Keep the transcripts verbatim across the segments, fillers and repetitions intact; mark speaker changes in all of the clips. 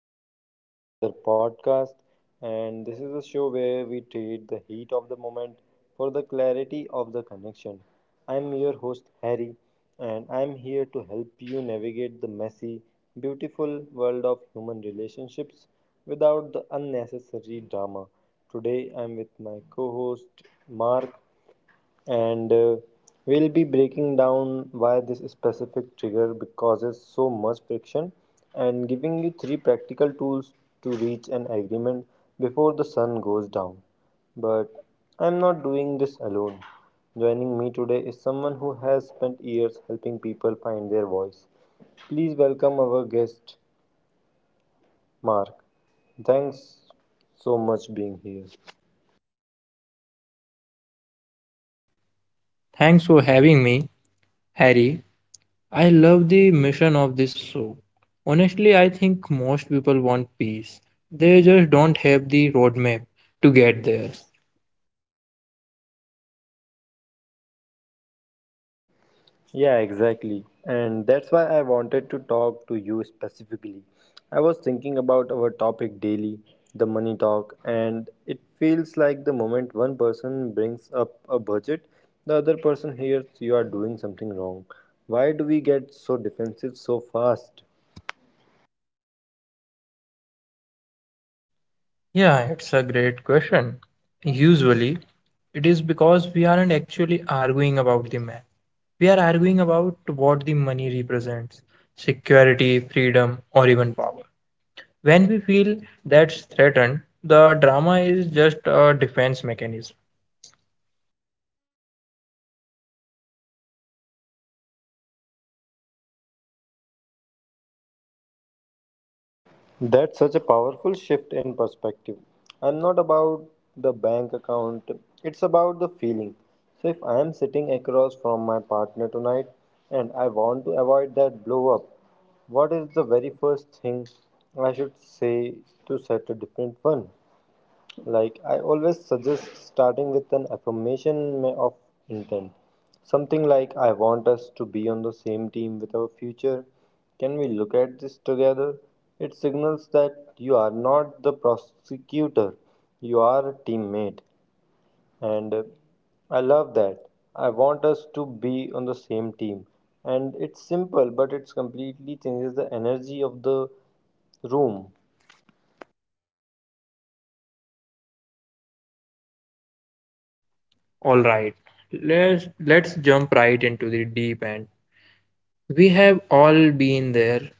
Speaker 1: Welcome back to another podcast. And this is a show where we trade the heat of the moment for the clarity of the connection. I'm your host, Harry, and I'm here to help you navigate the messy, beautiful world of human relationships without the unnecessary drama. Today, I'm with my co host, Mark, and uh, we'll be breaking down why this specific trigger causes so much friction and giving you three practical tools to reach an agreement before the sun goes down. But I'm not doing this alone. Joining me today is someone who has spent years helping people find their voice. Please welcome our guest, Mark. Thanks so much being here.
Speaker 2: Thanks for having me, Harry. I love the mission of this show. Honestly, I think most people want peace. They just don't have the roadmap to get there.
Speaker 1: Yeah, exactly. And that's why I wanted to talk to you specifically. I was thinking about our topic daily, the money talk, and it feels like the moment one person brings up a budget, the other person hears you are doing something wrong. Why do we get so defensive so fast?
Speaker 2: Yeah, it's a great question. Usually, it is because we aren't actually arguing about the map. We are arguing about what the money represents security, freedom, or even power. When we feel that's threatened, the drama is just a defense mechanism.
Speaker 1: That's such a powerful shift in perspective. I'm not about the bank account, it's about the feeling. So, if I am sitting across from my partner tonight and I want to avoid that blow up, what is the very first thing I should say to set a different one? Like, I always suggest starting with an affirmation ma- of intent. Something like, I want us to be on the same team with our future. Can we look at this together? It signals that you are not the prosecutor, you are a teammate. And uh, I love that. I want us to be on the same team. And it's simple, but it's completely changes the energy of the room.
Speaker 2: All right, let's let's jump right into the deep end. We have all been there.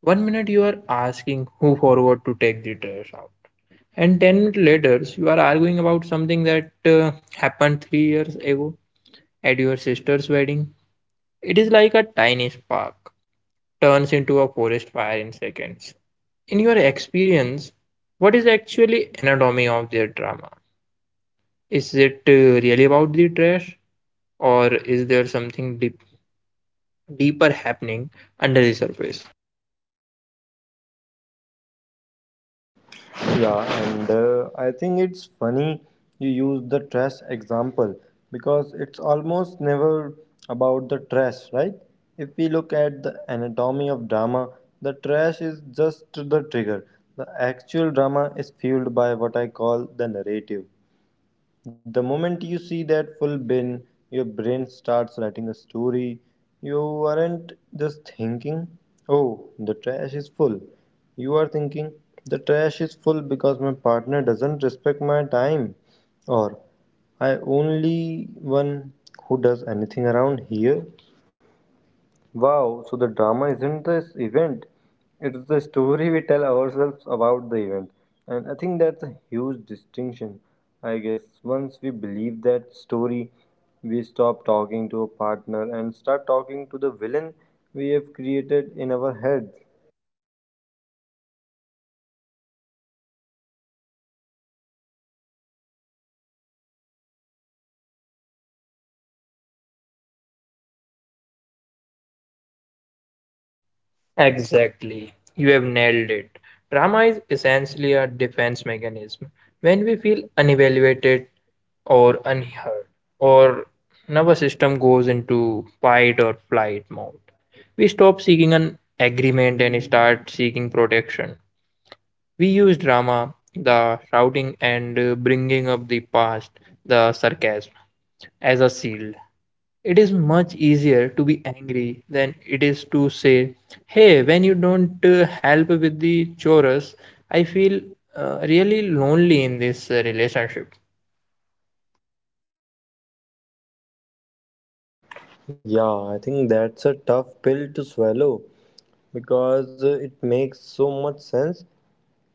Speaker 2: One minute you are asking who forward to take the trash out, and ten minutes later you are arguing about something that uh, happened three years ago at your sister's wedding. It is like a tiny spark turns into a forest fire in seconds. In your experience, what is actually anatomy of their drama? Is it uh, really about the trash, or is there something deep? deeper happening under the surface.
Speaker 1: Yeah, and uh, I think it's funny you use the trash example because it's almost never about the trash, right? If we look at the anatomy of drama, the trash is just the trigger. The actual drama is fueled by what I call the narrative. The moment you see that full bin, your brain starts writing a story. You aren't just thinking, oh, the trash is full. You are thinking, the trash is full because my partner doesn't respect my time. Or, I only one who does anything around here. Wow, so the drama isn't this event, it's the story we tell ourselves about the event. And I think that's a huge distinction, I guess. Once we believe that story, we stop talking to a partner and start talking to the villain we have created in our heads.
Speaker 2: Exactly. You have nailed it. Drama is essentially a defense mechanism. When we feel unevaluated or unheard, or nervous system goes into fight or flight mode, we stop seeking an agreement and start seeking protection. We use drama, the shouting and uh, bringing up the past, the sarcasm, as a shield. It is much easier to be angry than it is to say, "Hey, when you don't uh, help with the chores, I feel uh, really lonely in this uh, relationship."
Speaker 1: Yeah, I think that's a tough pill to swallow because uh, it makes so much sense.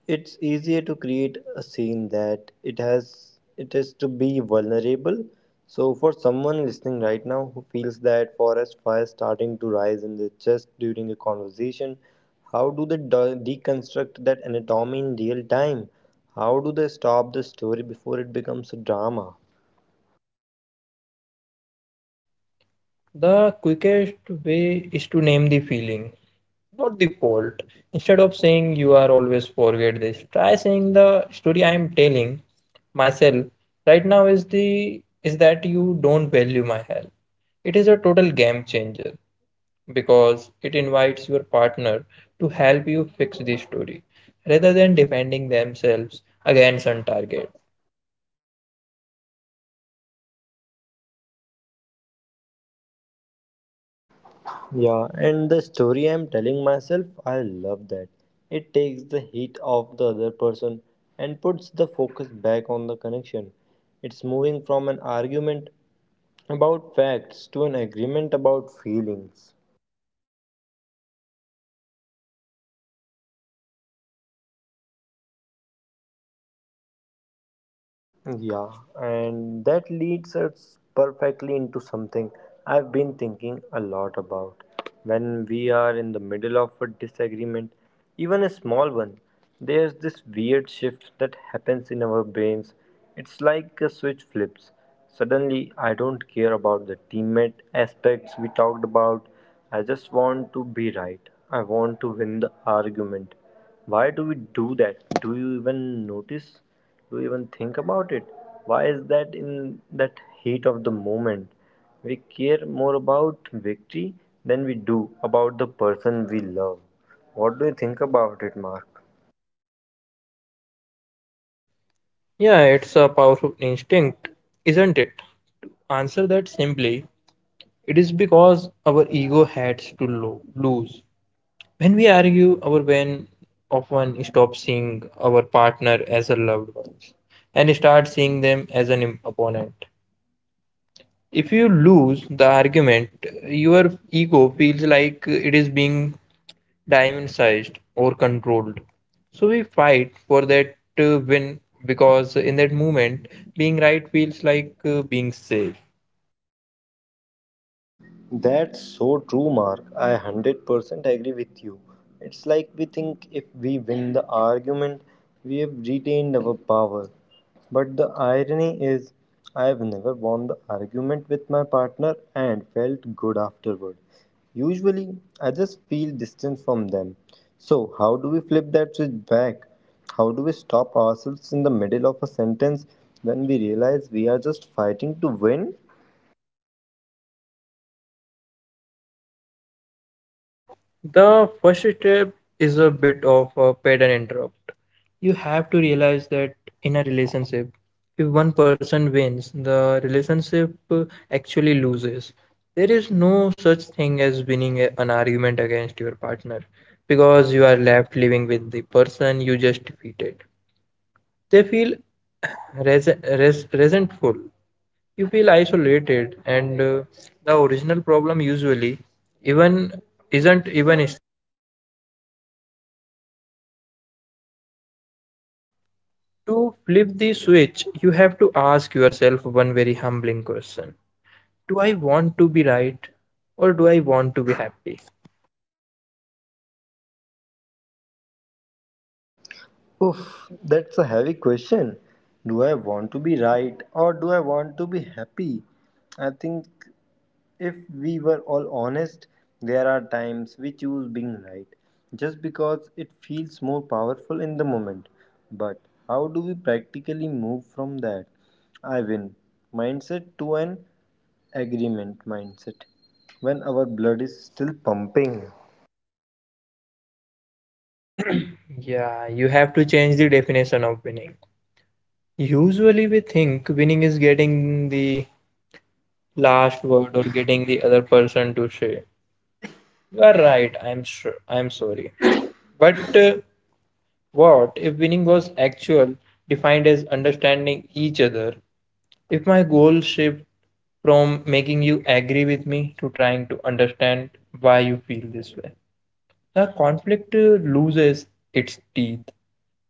Speaker 1: It's easier to create a scene that it has it is to be vulnerable. So for someone listening right now who feels that forest fire starting to rise in their chest during a conversation, how do they de- deconstruct that anatomy in real time? How do they stop the story before it becomes a drama?
Speaker 2: The quickest way is to name the feeling, not the fault. Instead of saying you are always forget this, try saying the story I am telling myself right now is the is that you don't value my help. It is a total game changer, because it invites your partner to help you fix the story rather than defending themselves against on target.
Speaker 1: Yeah, and the story I'm telling myself, I love that. It takes the heat off the other person and puts the focus back on the connection. It's moving from an argument about facts to an agreement about feelings. Yeah, and that leads us perfectly into something I've been thinking a lot about. When we are in the middle of a disagreement, even a small one, there's this weird shift that happens in our brains. It's like a switch flips. Suddenly, I don't care about the teammate aspects we talked about. I just want to be right. I want to win the argument. Why do we do that? Do you even notice? Do you even think about it? Why is that in that heat of the moment we care more about victory than we do about the person we love? What do you think about it, Mark?
Speaker 2: Yeah, it's a powerful instinct, isn't it? To answer that simply, it is because our ego has to lo- lose. When we argue, our brain often stops seeing our partner as a loved one and starts seeing them as an im- opponent. If you lose the argument, your ego feels like it is being diamond-sized or controlled. So we fight for that uh, win because in that moment, being right feels like uh, being safe.
Speaker 1: That's so true, Mark. I one hundred percent agree with you. It's like we think if we win the argument, we have retained our power. But the irony is, I have never won the argument with my partner and felt good afterward. Usually, I just feel distant from them. So, how do we flip that switch back? How do we stop ourselves in the middle of a sentence when we realize we are just fighting to win?
Speaker 2: The first step is a bit of a pattern interrupt. You have to realize that in a relationship, if one person wins, the relationship uh, actually loses. There is no such thing as winning a- an argument against your partner because you are left living with the person you just defeated. They feel res- res- resentful. You feel isolated, and uh, the original problem usually even isn't even is- to flip the switch. You have to ask yourself one very humbling question: do I want to be right, or do I want to be happy?
Speaker 1: Oof, that's a heavy question. Do I want to be right or do I want to be happy? I think if we were all honest, there are times we choose being right just because it feels more powerful in the moment. But how do we practically move from that I win mindset to an agreement mindset when our blood is still pumping?
Speaker 2: Yeah, you have to change the definition of winning. Usually, we think winning is getting the last word or getting the other person to say, "You are right, I'm sure, I'm sorry." But uh, what if winning was actual, defined as understanding each other? If my goal shift from making you agree with me to trying to understand why you feel this way, the conflict uh, loses its teeth.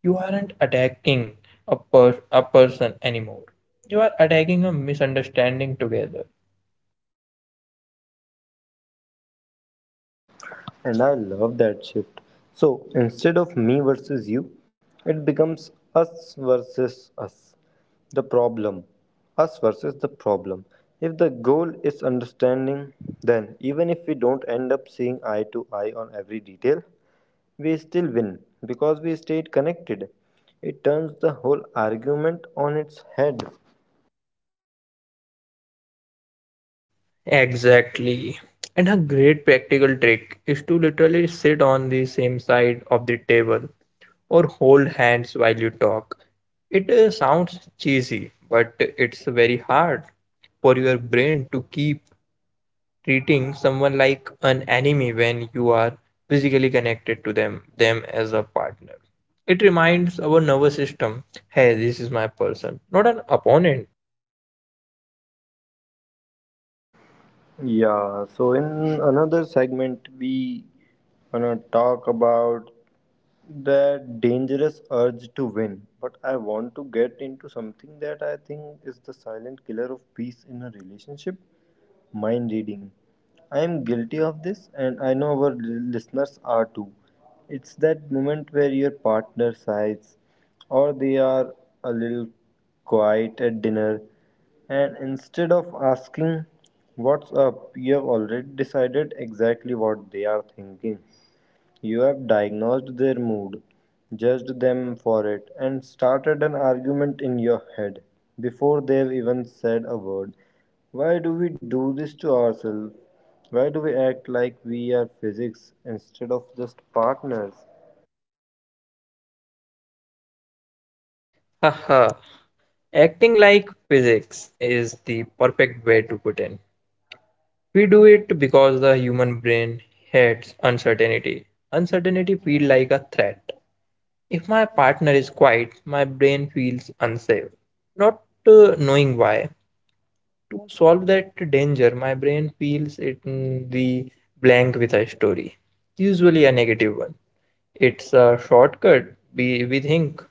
Speaker 2: You aren't attacking a, per- a person anymore. You are attacking a misunderstanding together.
Speaker 1: And I love that shift. So instead of me versus you, it becomes us versus us. The problem. Us versus the problem. If the goal is understanding, then even if we don't end up seeing eye to eye on every detail, we still win because we stayed connected. It turns the whole argument on its head.
Speaker 2: Exactly. And a great practical trick is to literally sit on the same side of the table or hold hands while you talk. It uh, sounds cheesy, but it's very hard for your brain to keep treating someone like an enemy when you are physically connected to them, them as a partner. It reminds our nervous system, hey, this is my person, not an opponent.
Speaker 1: Yeah, so in another segment, we gonna talk about the dangerous urge to win, but I want to get into something that I think is the silent killer of peace in a relationship, mind reading. I am guilty of this, and I know our l- listeners are too. It's that moment where your partner sighs, or they are a little quiet at dinner, and instead of asking, what's up, you have already decided exactly what they are thinking. You have diagnosed their mood, judged them for it, and started an argument in your head before they've even said a word. Why do we do this to ourselves? Why do we act like we are physics instead of just partners?
Speaker 2: Haha. Acting like physics is the perfect way to put in. We do it because the human brain hates uncertainty. Uncertainty feels like a threat. If my partner is quiet, my brain feels unsafe, not uh, knowing why. To solve that danger, my brain fills it in the blank with a story, usually a negative one. It's a shortcut, we, we think.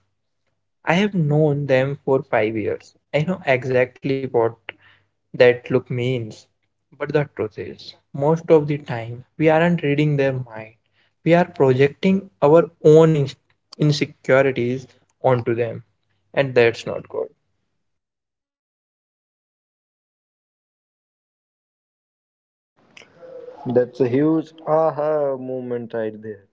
Speaker 2: I have known them for five years. I know exactly what that look means. But the truth is, most of the time, we aren't reading their mind. We are projecting our own ins- insecurities onto them, and that's not good.
Speaker 1: That's a huge aha moment right there.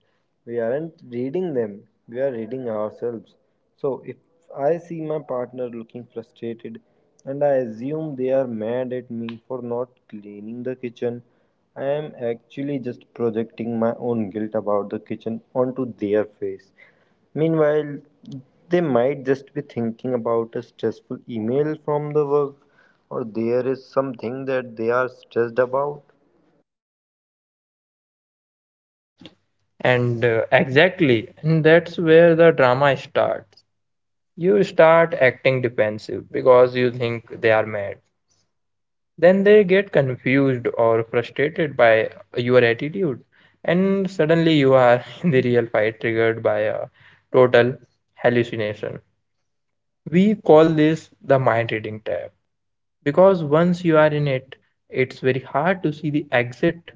Speaker 1: We aren't reading them, we are reading ourselves. So if I see my partner looking frustrated and I assume they are mad at me for not cleaning the kitchen, I am actually just projecting my own guilt about the kitchen onto their face. Meanwhile, they might just be thinking about a stressful email from the work or there is something that they are stressed about.
Speaker 2: And uh, exactly, and that's where the drama starts. You start acting defensive because you think they are mad, then they get confused or frustrated by your attitude and suddenly you are in the real fight triggered by a total hallucination. We call this the mind reading tab because once you are in it, it's very hard to see the exit.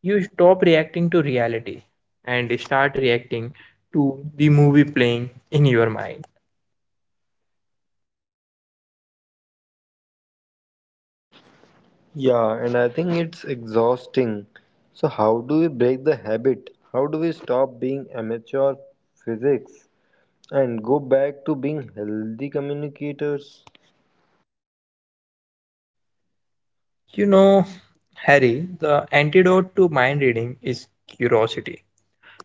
Speaker 2: You stop reacting to reality and start reacting to the movie playing in your mind.
Speaker 1: Yeah, and I think it's exhausting. So, how do we break the habit? How do we stop being amateur physics and go back to being healthy communicators?
Speaker 2: You know, Harry, the antidote to mind reading is curiosity.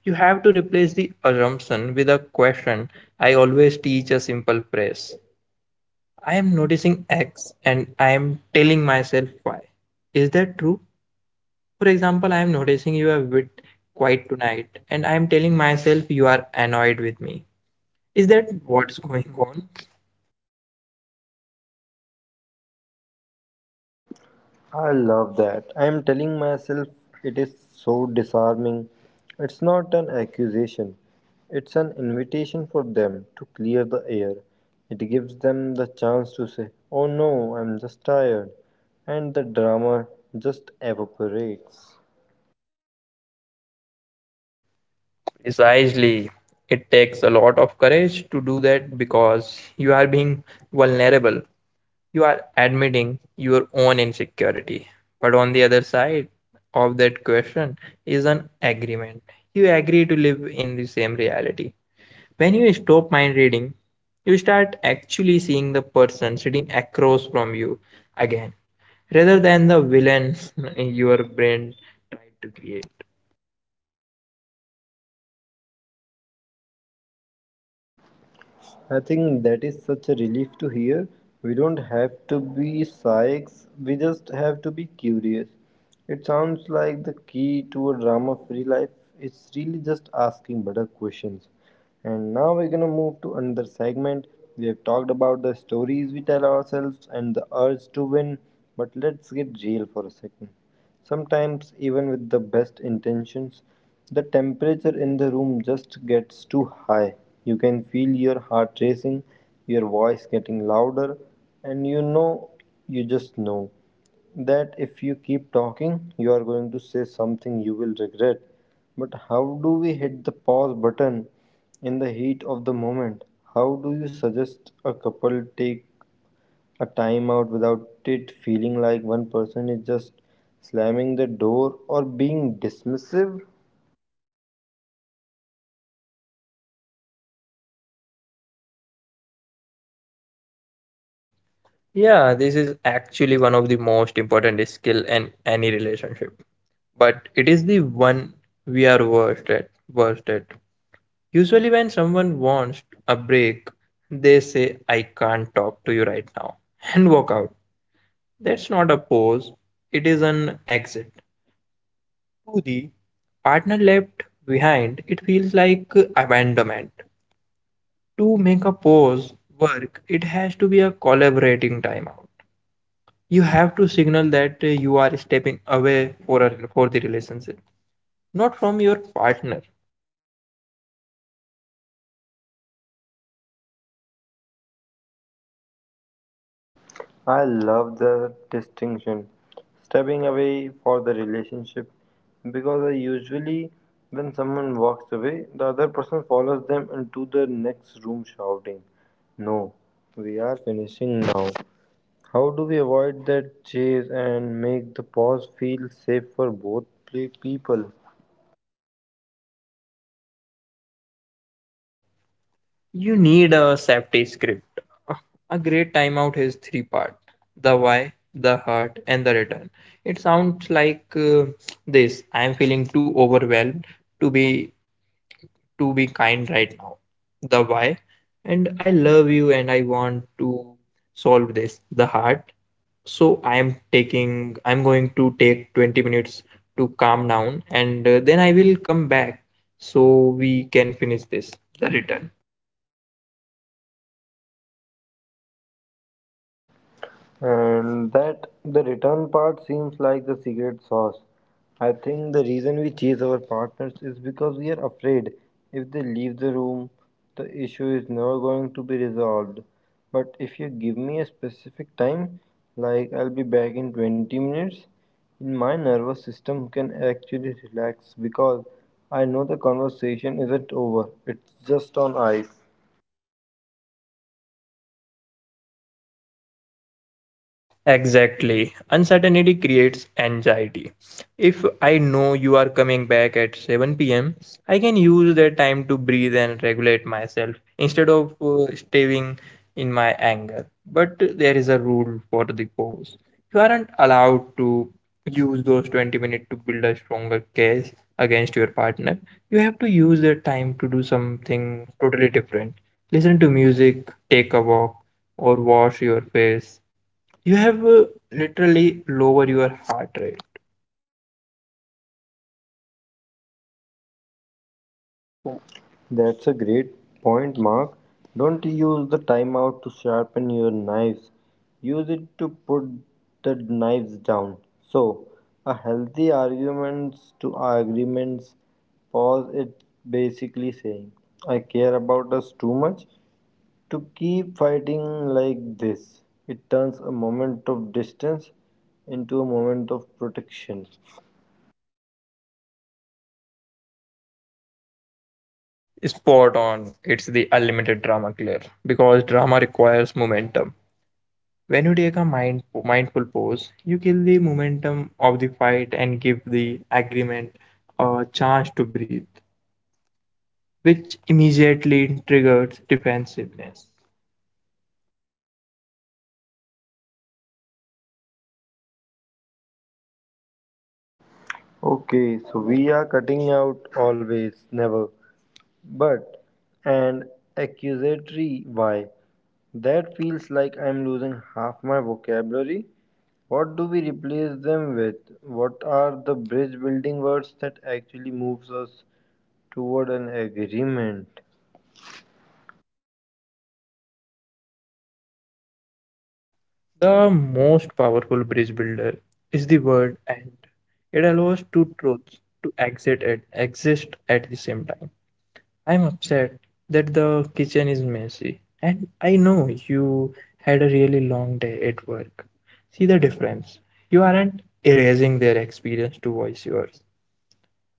Speaker 2: You have to replace the assumption with a question. I always teach a simple phrase: I am noticing X and I am telling myself Y. Is that true? For example, I am noticing you are a bit quiet tonight and I am telling myself you are annoyed with me. Is that what's going on?
Speaker 1: I love that. I am telling myself it is so disarming. It's not an accusation, it's an invitation for them to clear the air. It gives them the chance to say, oh no, I'm just tired. And the drama just evaporates.
Speaker 2: Precisely. It takes a lot of courage to do that because you are being vulnerable. You are admitting your own insecurity. But on the other side of that question is an agreement. You agree to live in the same reality. When you stop mind reading, you start actually seeing the person sitting across from you again, rather than the villain your brain tried to create.
Speaker 1: I think that is such a relief to hear. We don't have to be psychs, we just have to be curious. It sounds like the key to a drama free life is really just asking better questions. And now we're gonna move to another segment. We have talked about the stories we tell ourselves and the urge to win, but let's get real for a second. Sometimes, even with the best intentions, the temperature in the room just gets too high. You can feel your heart racing, your voice getting louder, and you know, you just know that if you keep talking, you are going to say something you will regret. But how do we hit the pause button in the heat of the moment? How do you suggest a couple take a timeout without it feeling like one person is just slamming the door or being dismissive?
Speaker 2: Yeah, this is actually one of the most important skill in any relationship, but it is the one we are worst at. Worst at. Usually, when someone wants a break, they say, "I can't talk to you right now," and walk out. That's not a pause, it is an exit. To the partner left behind, it feels like abandonment. To make a pause work, it has to be a collaborating timeout. You have to signal that uh, you are stepping away for, a, for the relationship, not from your partner.
Speaker 1: I love the distinction. Stepping away for the relationship, because I usually when someone walks away, the other person follows them into the next room shouting, no, we are finishing now. How do we avoid that chase and make the pause feel safe for both play people?
Speaker 2: You need a safety script. A great timeout has three parts: the why, the hurt, and the return. It sounds like uh, this: I am feeling too overwhelmed to be to be kind right now. The why. And I love you and I want to solve this. The hurt. So I am taking I'm going to take twenty minutes to calm down and uh, then I will come back so we can finish this. The return.
Speaker 1: And that the return part seems like the secret sauce. I think the reason we chase our partners is because we are afraid if they leave the room, the issue is never going to be resolved. But if you give me a specific time, like I'll be back in twenty minutes, my nervous system can actually relax because I know the conversation isn't over, it's just on ice.
Speaker 2: Exactly. Uncertainty creates anxiety. If I know you are coming back at seven p m, I can use that time to breathe and regulate myself instead of uh, staving in my anger. But there is a rule for the pause. You aren't allowed to use those twenty minutes to build a stronger case against your partner. You have to use that time to do something totally different. Listen to music, take a walk, or wash your face. You have uh, literally lower your heart rate.
Speaker 1: So that's a great point, Mark. Don't use the timeout to sharpen your knives. Use it to put the knives down. So, a healthy arguments to arguments pause it basically saying, I care about us too much to keep fighting like this. It turns a moment of distance into a moment of protection.
Speaker 2: Spot on. It's the unlimited drama killer because drama requires momentum. When you take a mind, mindful pose, you kill the momentum of the fight and give the agreement a chance to breathe, which immediately triggers defensiveness.
Speaker 1: Okay, so we are cutting out always, never. But an accusatory why? That feels like I'm losing half my vocabulary. What do we replace them with? What are the bridge building words that actually moves us toward an agreement?
Speaker 2: The most powerful bridge builder is the word "and." It allows two truths to exit at, exist at the same time. I'm upset that the kitchen is messy. And I know you had a really long day at work. See the difference. You aren't erasing their experience to voice yours.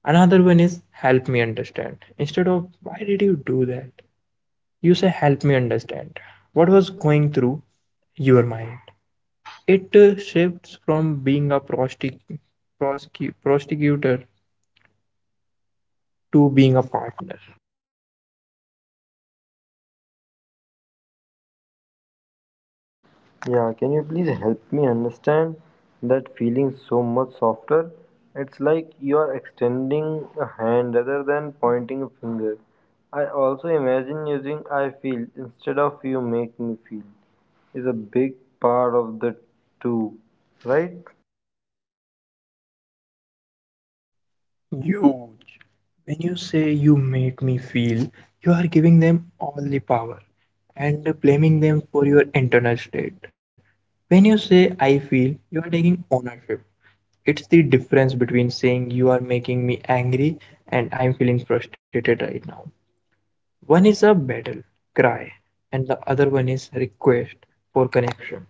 Speaker 2: Another one is "help me understand." Instead of "why did you do that?" you say, "Help me understand. What was going through your mind?" It uh, shifts from being a prosti- prosecute- prosecutor to being a partner.
Speaker 1: Yeah, can you please help me understand? That feeling so much softer. It's like you are extending a hand rather than pointing a finger. I also imagine using I feel instead of you make me feel is a big part of the too, right?
Speaker 2: Huge. When you say "you make me feel," you are giving them all the power and blaming them for your internal state. When you say "I feel," you are taking ownership. It's the difference between saying "you are making me angry" and "I'm feeling frustrated right now." One is a battle cry, and the other one is request for connection.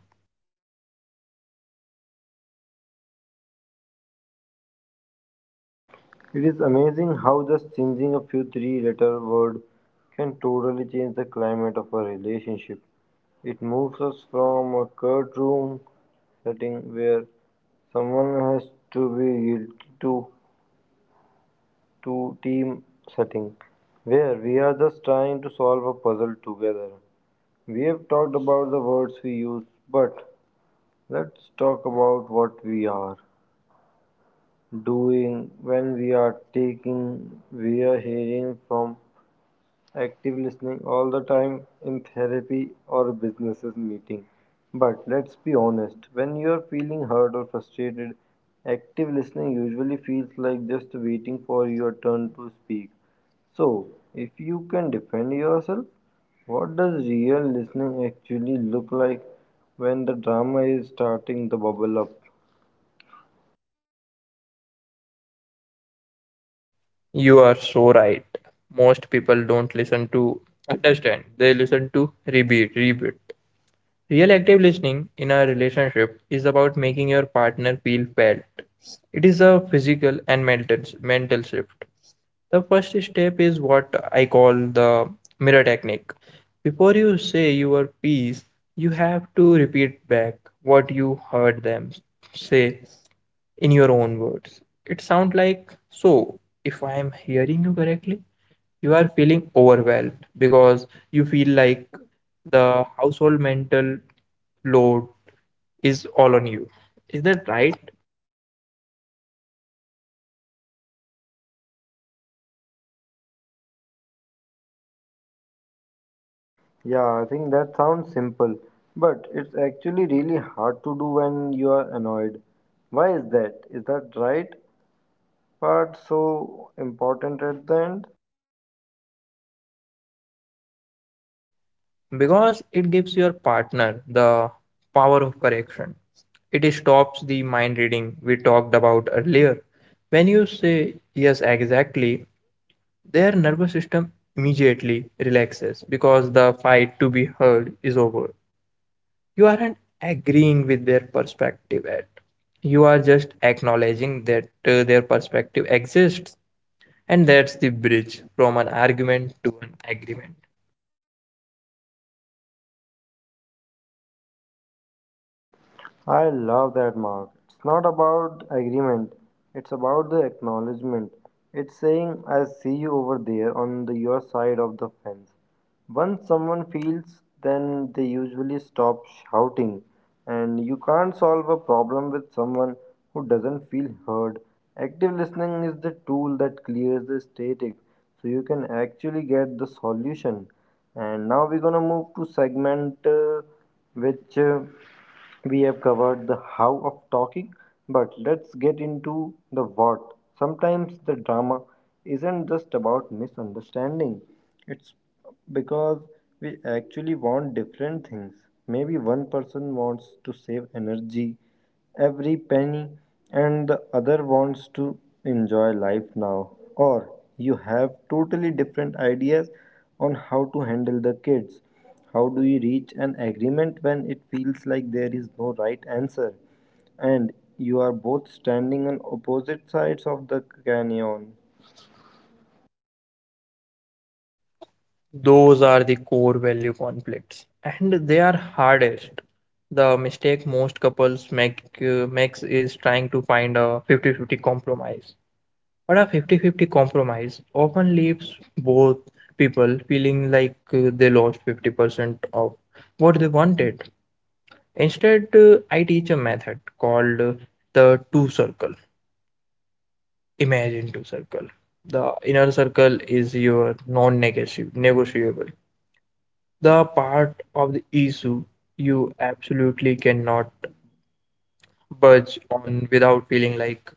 Speaker 1: It is amazing how just changing a few three letter word can totally change the climate of a relationship. It moves us from a courtroom setting where someone has to be guilty to to team setting where we are just trying to solve a puzzle together. We have talked about the words we use, but let's talk about what we are doing when we are taking, we are hearing from active listening all the time in therapy or businesses meeting. But let's be honest, when you are feeling hurt or frustrated, active listening usually feels like just waiting for your turn to speak. So, if you can defend yourself, what does real listening actually look like when the drama is starting to bubble up?
Speaker 2: You are so right. Most people don't listen to understand, they listen to repeat, repeat. Real active listening in a relationship is about making your partner feel felt. It is a physical and mental mental shift. The first step is what I call the mirror technique. Before you say your piece, you have to repeat back what you heard them say in your own words. It sounds like, "So if I am hearing you correctly, you are feeling overwhelmed because you feel like the household mental load is all on you. Is that right?"
Speaker 1: Yeah, I think that sounds simple, but it's actually really hard to do when you are annoyed. Why is that? Is that right part so important at the end?
Speaker 2: Because it gives your partner the power of correction. It stops the mind reading we talked about earlier. When you say, "Yes, exactly," their nervous system immediately relaxes because the fight to be heard is over. You aren't agreeing with their perspective at, you are just acknowledging that uh, their perspective exists, and that's the bridge from an argument to an agreement.
Speaker 1: I love that, Mark. It's not about agreement, it's about the acknowledgement. It's saying, I see you over there on the, your side of the fence. Once someone feels, then they usually stop shouting. And you can't solve a problem with someone who doesn't feel heard. Active listening is the tool that clears the static so you can actually get the solution. And now we're gonna move to segment uh, which. Uh, we have covered the how of talking, but let's get into the what. Sometimes the drama isn't just about misunderstanding, it's because we actually want different things. Maybe one person wants to save energy every penny, and the other wants to enjoy life now, or you have totally different ideas on how to handle the kids. How do you reach an agreement when it feels like there is no right answer and you are both standing on opposite sides of the canyon?
Speaker 2: Those are the core value conflicts, and they are hardest. The mistake most couples make uh, makes is trying to find a fifty fifty compromise. But a fifty fifty compromise often leaves both people feeling like uh, they lost fifty percent of what they wanted. Instead, uh, I teach a method called uh, the two circle. Imagine two circle. The inner circle is your non-negotiable, the part of the issue you absolutely cannot budge on without feeling like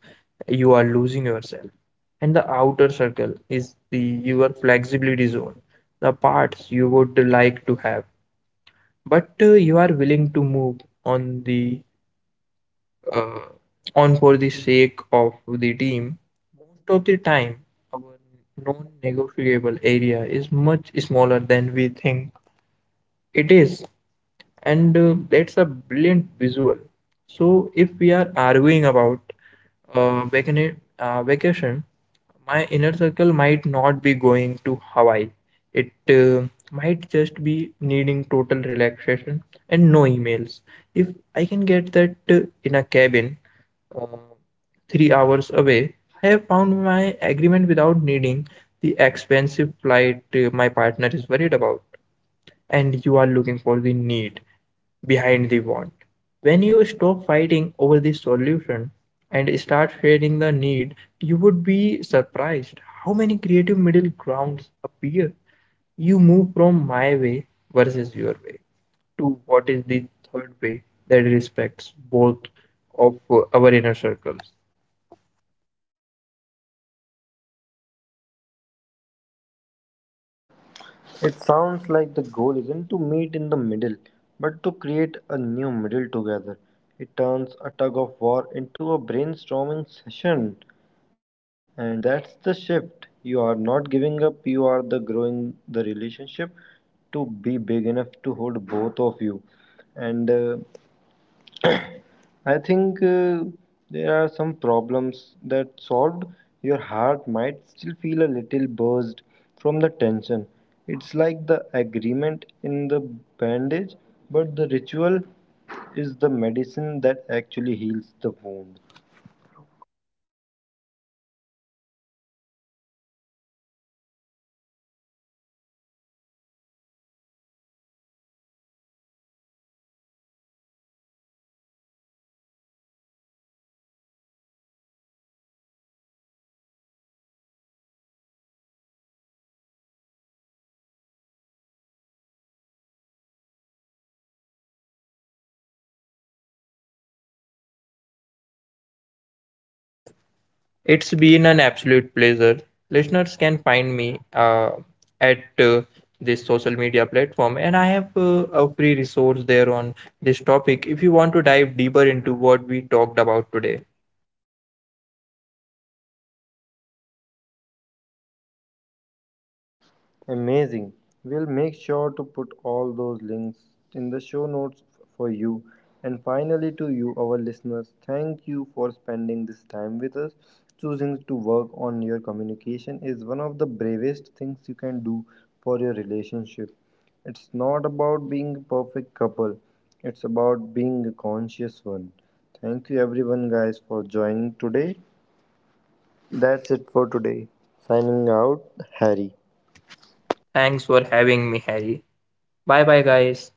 Speaker 2: you are losing yourself. And the outer circle is the your flexibility zone, the parts you would like to have, but uh, you are willing to move on the uh, on for the sake of the team. Most of the time, our non-negotiable area is much smaller than we think it is. And uh, that's a brilliant visual. So if we are arguing about uh, vacana- uh, vacation, my inner circle might not be going to Hawaii. It uh, might just be needing total relaxation and no emails. If I can get that uh, in a cabin uh, three hours away, I have found my agreement without needing the expensive flight uh, my partner is worried about. And you are looking for the need behind the want. When you stop fighting over the solution and start sharing the need, you would be surprised how many creative middle grounds appear. You move from my way versus your way to what is the third way that respects both of our inner circles.
Speaker 1: It sounds like the goal isn't to meet in the middle, but to create a new middle together. It turns a tug of war into a brainstorming session, and that's the shift. You are not giving up, you are the growing the relationship to be big enough to hold both of you. And uh, I think uh, there are some problems that solved. Your heart might still feel a little buzzed from the tension. It's like the agreement in the bandage, but the ritual is the medicine that actually heals the wound.
Speaker 2: It's been an absolute pleasure. Listeners can find me uh, at uh, this social media platform, and I have uh, a free resource there on this topic if you want to dive deeper into what we talked about today.
Speaker 1: Amazing. We'll make sure to put all those links in the show notes for you. And finally, to you, our listeners, thank you for spending this time with us. Choosing to work on your communication is one of the bravest things you can do for your relationship. It's not about being a perfect couple, it's about being a conscious one. Thank you, everyone, guys, for joining today. That's it for today. Signing out, Harry.
Speaker 2: Thanks for having me, Harry. Bye bye, guys.